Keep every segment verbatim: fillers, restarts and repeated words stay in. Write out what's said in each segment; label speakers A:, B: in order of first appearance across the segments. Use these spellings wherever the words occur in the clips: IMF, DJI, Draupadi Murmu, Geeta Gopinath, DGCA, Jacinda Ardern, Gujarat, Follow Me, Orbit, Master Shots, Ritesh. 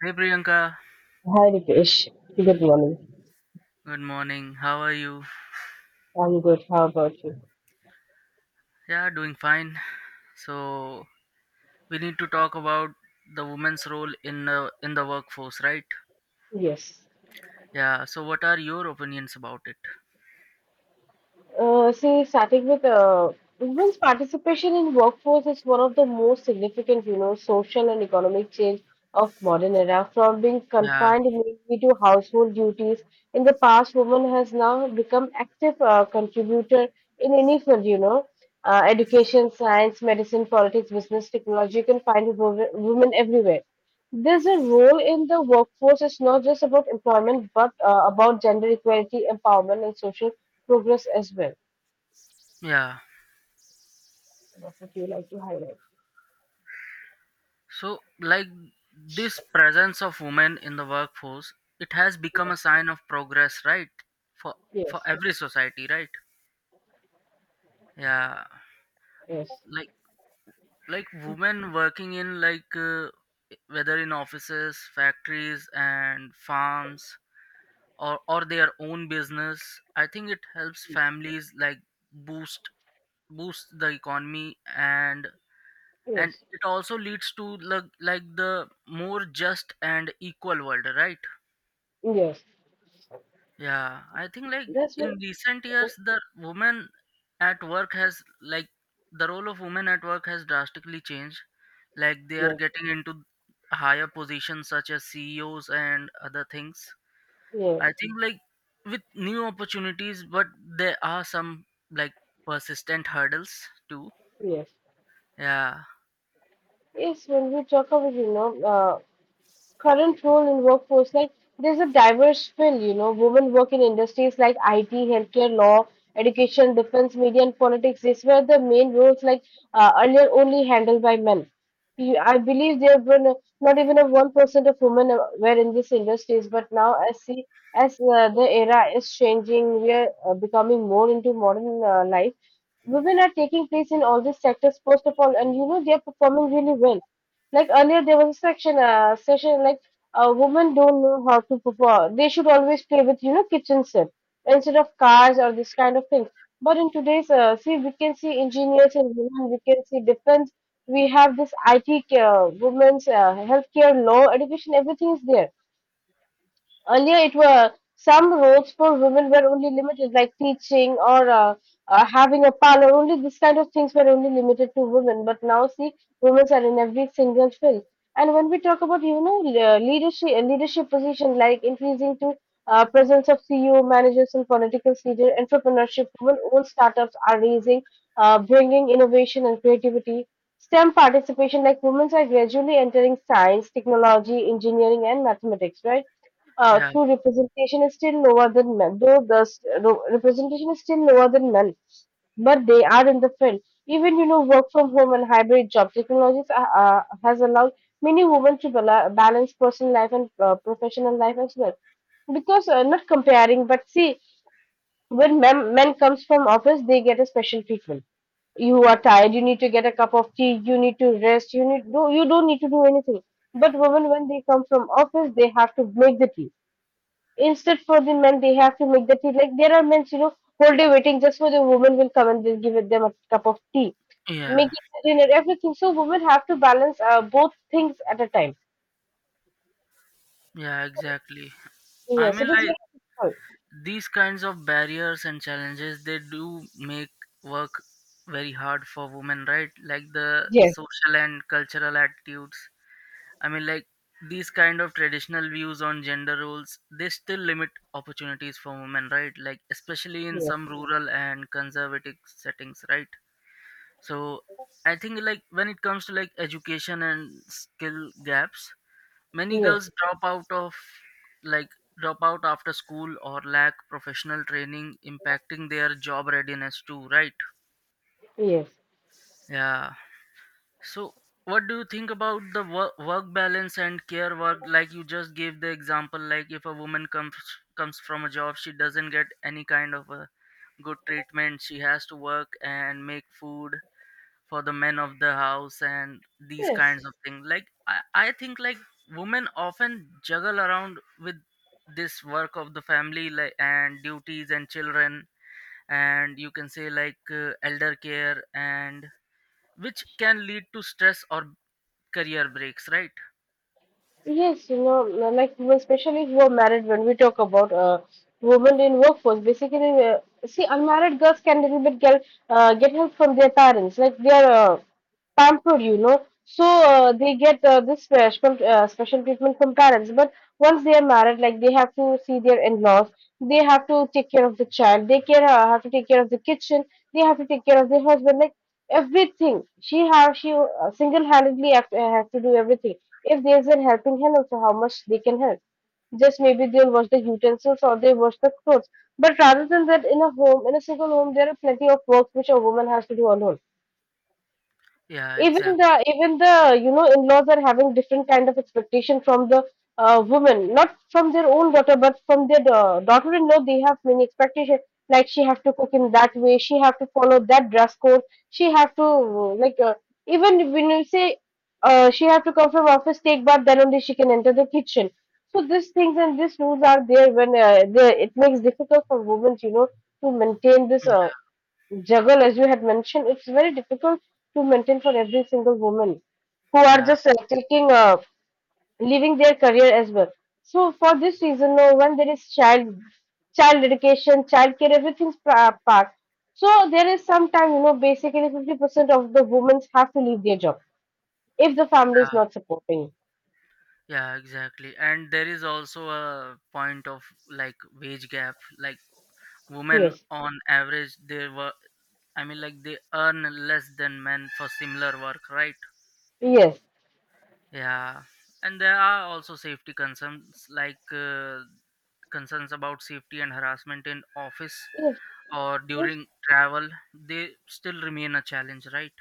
A: Hey Priyanka,
B: Hi, Ritesh. Good morning.
A: good morning. How are you?
B: I'm good. How about you?
A: Yeah, doing fine. So we need to talk about the woman's role in uh, in the workforce, right?
B: Yes.
A: Yeah. So what are your opinions about it?
B: Uh, see, starting with uh, women's participation in workforce is one of the most significant, you know, social and economic change of modern era. From being
A: Yeah,
B: confined mainly to household duties in the past, women has now become active uh, contributor in any field, you know, uh, education, science, medicine, politics, business, technology. You can find wo- women everywhere. This role in the workforce is not just about employment, but uh, about gender equality, empowerment, and social progress as well.
A: yeah.
B: What would you like to highlight?
A: So like this presence of women in the workforce, it has become
B: Yes,
A: a sign of progress, right? For for
B: yes,
A: every society, right? Yeah.
B: yes,
A: Like like women working in like uh, whether in offices, factories, and farms or or their own business. I think it helps families like boost boost the economy, and and
B: yes,
A: it also leads to like like the more just and equal world, right?
B: yes.
A: Yeah, I think like
B: That's
A: in
B: what.
A: recent years the woman at work has like the role of women at work has drastically changed. Like they are
B: Yes,
A: getting into higher positions such as ceos and other things.
B: yes,
A: I think like with new opportunities, but there are some like persistent hurdles too.
B: yes,
A: Yeah,
B: yes. When we talk about, you know, uh, current role in workforce, like there's a diverse field, you know, women work in industries like IT, healthcare, law, education, defense, media, and politics. These were the main roles, like uh, earlier only handled by men. You- i believe there were no- not even a one percent of women uh, were in these industries, but now, as see, as uh, the era is changing, we are uh, becoming more into modern uh, life. Women are taking place in all these sectors first of all, and you know, they are performing really well. Like earlier, there was a section, uh, session, like uh, women don't know how to perform. They should always play with, you know, kitchen set instead of cars or this kind of thing. But in today's, uh, see, we can see engineers and women. We can see defense. We have this I T, uh, women's, uh, healthcare, law, education. Everything is there. Earlier, it were some roles for women were only limited, like teaching or uh, uh, having a parlor. Only this kind of things were only limited to women. But now, see, women are in every single field. And when we talk about, you know, le- uh, leadership uh, leadership position, like increasing to uh, presence of C E O, managers, and political leaders, entrepreneurship, women-owned startups are raising, uh, bringing innovation and creativity. STEM participation, like women are gradually entering science, technology, engineering, and mathematics, right? Uh,
A: yeah,
B: through representation is still lower than men, though the s- ro- representation is still lower than men, but they are in the field. Even, you know, work from home and hybrid job technologies are- uh, has allowed many women to bala- balance personal life and uh, professional life as well. Because uh, not comparing, but see, when men, men comes from office, they get a special treatment. You are tired, you need to get a cup of tea, you need to rest, you need, no, you don't need to do anything. But women, when they come from office, they have to make the tea. Instead, for the men, they have to make the tea. Like there are men, you know, whole day waiting just for the woman will come and they'll give it them a cup of tea,
A: yeah,
B: making dinner, everything. So women have to balance uh, both things at a time.
A: yeah, exactly. I
B: Yes,
A: mean,
B: it is
A: like
B: very difficult.
A: these kinds of barriers and challenges, they do make work very hard for women, right? Like the
B: Yes,
A: social and cultural attitudes. I mean, like these kind of traditional views on gender roles, they still limit opportunities for women, right? Like especially in
B: yes,
A: some rural and conservative settings, right? So I think like when it comes to like education and skill gaps, many
B: yes,
A: girls drop out of like drop out after school or lack professional training, impacting their job readiness too, right?
B: yes,
A: Yeah. So what do you think about the work, work balance and care work? Like you just gave the example, like if a woman comes comes from a job, she doesn't get any kind of a good treatment. She has to work and make food for the men of the house, and these
B: yes,
A: kinds of things. Like I, I think like women often juggle around with this work of the family, like, and duties and children, and you can say like uh, elder care, and which can lead to stress or career breaks, right?
B: yes. You know, l- like women, especially who are married, when we talk about uh, women in workforce, basically, uh, see, unmarried girls can little bit get uh, get help from their parents. Like they are uh, pampered, you know. So uh, they get uh, this special uh, special treatment from parents. But once they are married, like they have to see their in-laws, they have to take care of the child, they care uh, have to take care of the kitchen, they have to take care of their husband, like everything. She have she uh, single-handedly have, uh, have to do everything. If there's a helping hand, also how much they can help, just maybe they'll wash the utensils or they wash the clothes. But rather than that, in a home, in a single home, there are plenty of work which a woman has to do alone.
A: Yeah,
B: even
A: exactly.
B: the even the you know, in-laws are having different kind of expectation from the uh, woman, not from their own daughter, but from their uh, daughter-in-law. They have many expectation, like she have to cook in that way, she have to follow that dress code, she have to uh, like, uh, even when you say uh, she have to come from office, take bath, then only she can enter the kitchen. So these things and these rules are there when uh, the, it makes difficult for women, you know, to maintain this uh,
A: Yeah
B: juggle, as you had mentioned. It's very difficult to maintain for every single woman who are
A: yeah
B: just uh, taking, uh, leaving their career as well. So for this reason, no, when there is child, child education, child care, everything's pa- part. So there is some time, you know, basically fifty percent of the women have to leave their job if the family is
A: yeah
B: not supporting.
A: yeah, exactly, and there is also a point of like wage gap. Like women
B: Yes.
A: on average they were. I mean, like they earn less than men for similar work, right?
B: Yes,
A: Yeah, and there are also safety concerns, like uh, concerns about safety and harassment in office
B: yes,
A: or
B: yes.
A: during travel. They still remain a challenge, right?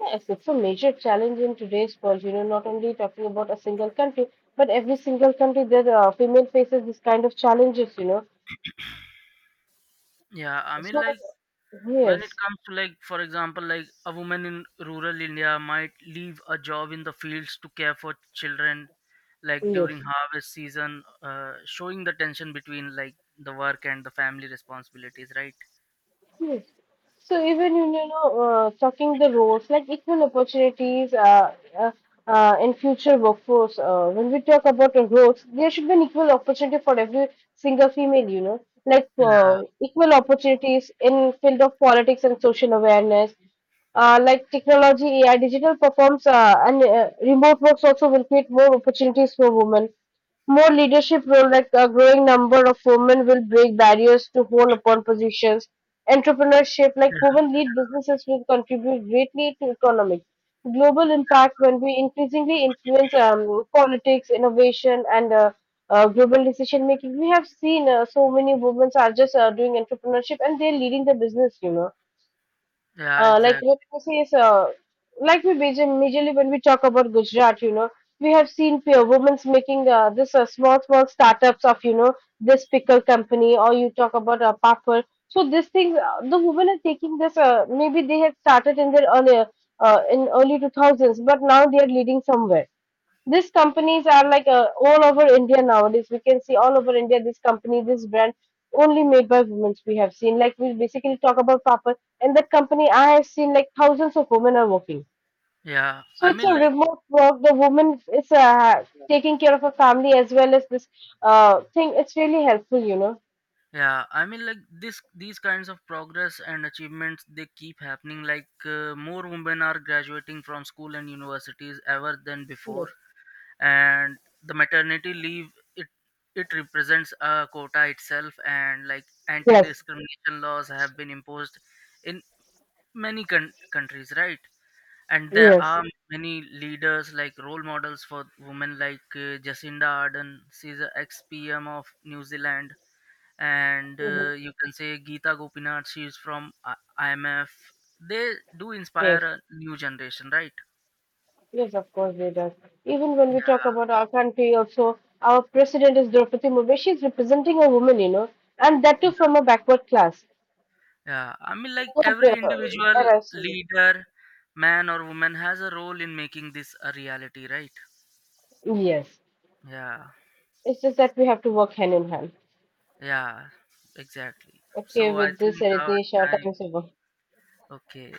B: Yes, it's a major challenge in today's world. You know, not only talking about a single country, but every single country that uh, female faces this kind of challenges, you know.
A: Yeah, I mean,
B: So
A: like when it
B: yes,
A: comes to like, for example, like a woman in rural India might leave a job in the fields to care for children, like during
B: yes.
A: harvest season, uh, showing the tension between like the work and the family responsibilities, right?
B: Yes. So even, you know, no, uh, talking the roles, like equal opportunities uh, uh, uh, in future workforce. Uh, when we talk about the roles, there should be an equal opportunity for every single female. You know, like uh,
A: Yeah,
B: equal opportunities in field of politics and social awareness. Uh, like technology, A I, digital performs, uh, and uh, remote works also will create more opportunities for women. More leadership roles, like a growing number of women will break barriers to hold-on positions. Entrepreneurship, like women
A: yeah,
B: lead businesses, will contribute greatly to economic global impact when we increasingly influence um, politics, innovation, and uh, uh, global decision making. We have seen uh, so many women are just uh, doing entrepreneurship and they're leading the business, you know.
A: yeah,
B: Uh, like what
A: exactly.
B: we say is, uh, like we major- majorly, when we talk about Gujarat, you know, we have seen peer women's making uh, this, uh, small small startups of, you know, this pickle company, or you talk about a uh, papad. So these things, uh, the women are taking this. Uh, maybe they had started in their earlier uh, in early two thousands, but now they are leading somewhere. These companies are like, uh, all over India nowadays. We can see all over India this company, this brand only made by women. We have seen, like, we basically talk about Papa and that company. I have seen like thousands of women are working.
A: Yeah,
B: So
A: I
B: it's a
A: mean, like,
B: remote work. The woman is uh, taking care of her family as well as this uh, thing. It's really helpful, you know.
A: yeah, I mean, like this, these kinds of progress and achievements, they keep happening. Like, uh, more women are graduating from school and universities ever than before,
B: Yes.
A: and the maternity leave, it it represents a quota itself, and like
B: Yes.
A: anti-discrimination laws have been imposed in many con- countries, right? And there
B: Yes.
A: are many leaders like role models for women, like uh, Jacinda Ardern. She's an ex-P M of New Zealand, and
B: Hmm.
A: uh, you can say Geeta Gopinath. She's from uh, I- IMF. They do inspire
B: Yes.
A: a new generation, right?
B: Yes, of course they does. Even when we talk
A: Yeah,
B: about our country, also our president is Draupadi Murmu. She's representing a woman, you know, and that too from a backward class.
A: yeah. I mean, like
B: So, uh,
A: every individual
B: that I see.
A: leader, man or woman, has a role in making this a reality, right?
B: Yes,
A: Yeah,
B: it's just that we have to work hand in hand.
A: yeah, exactly.
B: Okay,
A: So I
B: with this,
A: think our
B: Ritesh, our
A: time.
B: time is over.
A: Okay.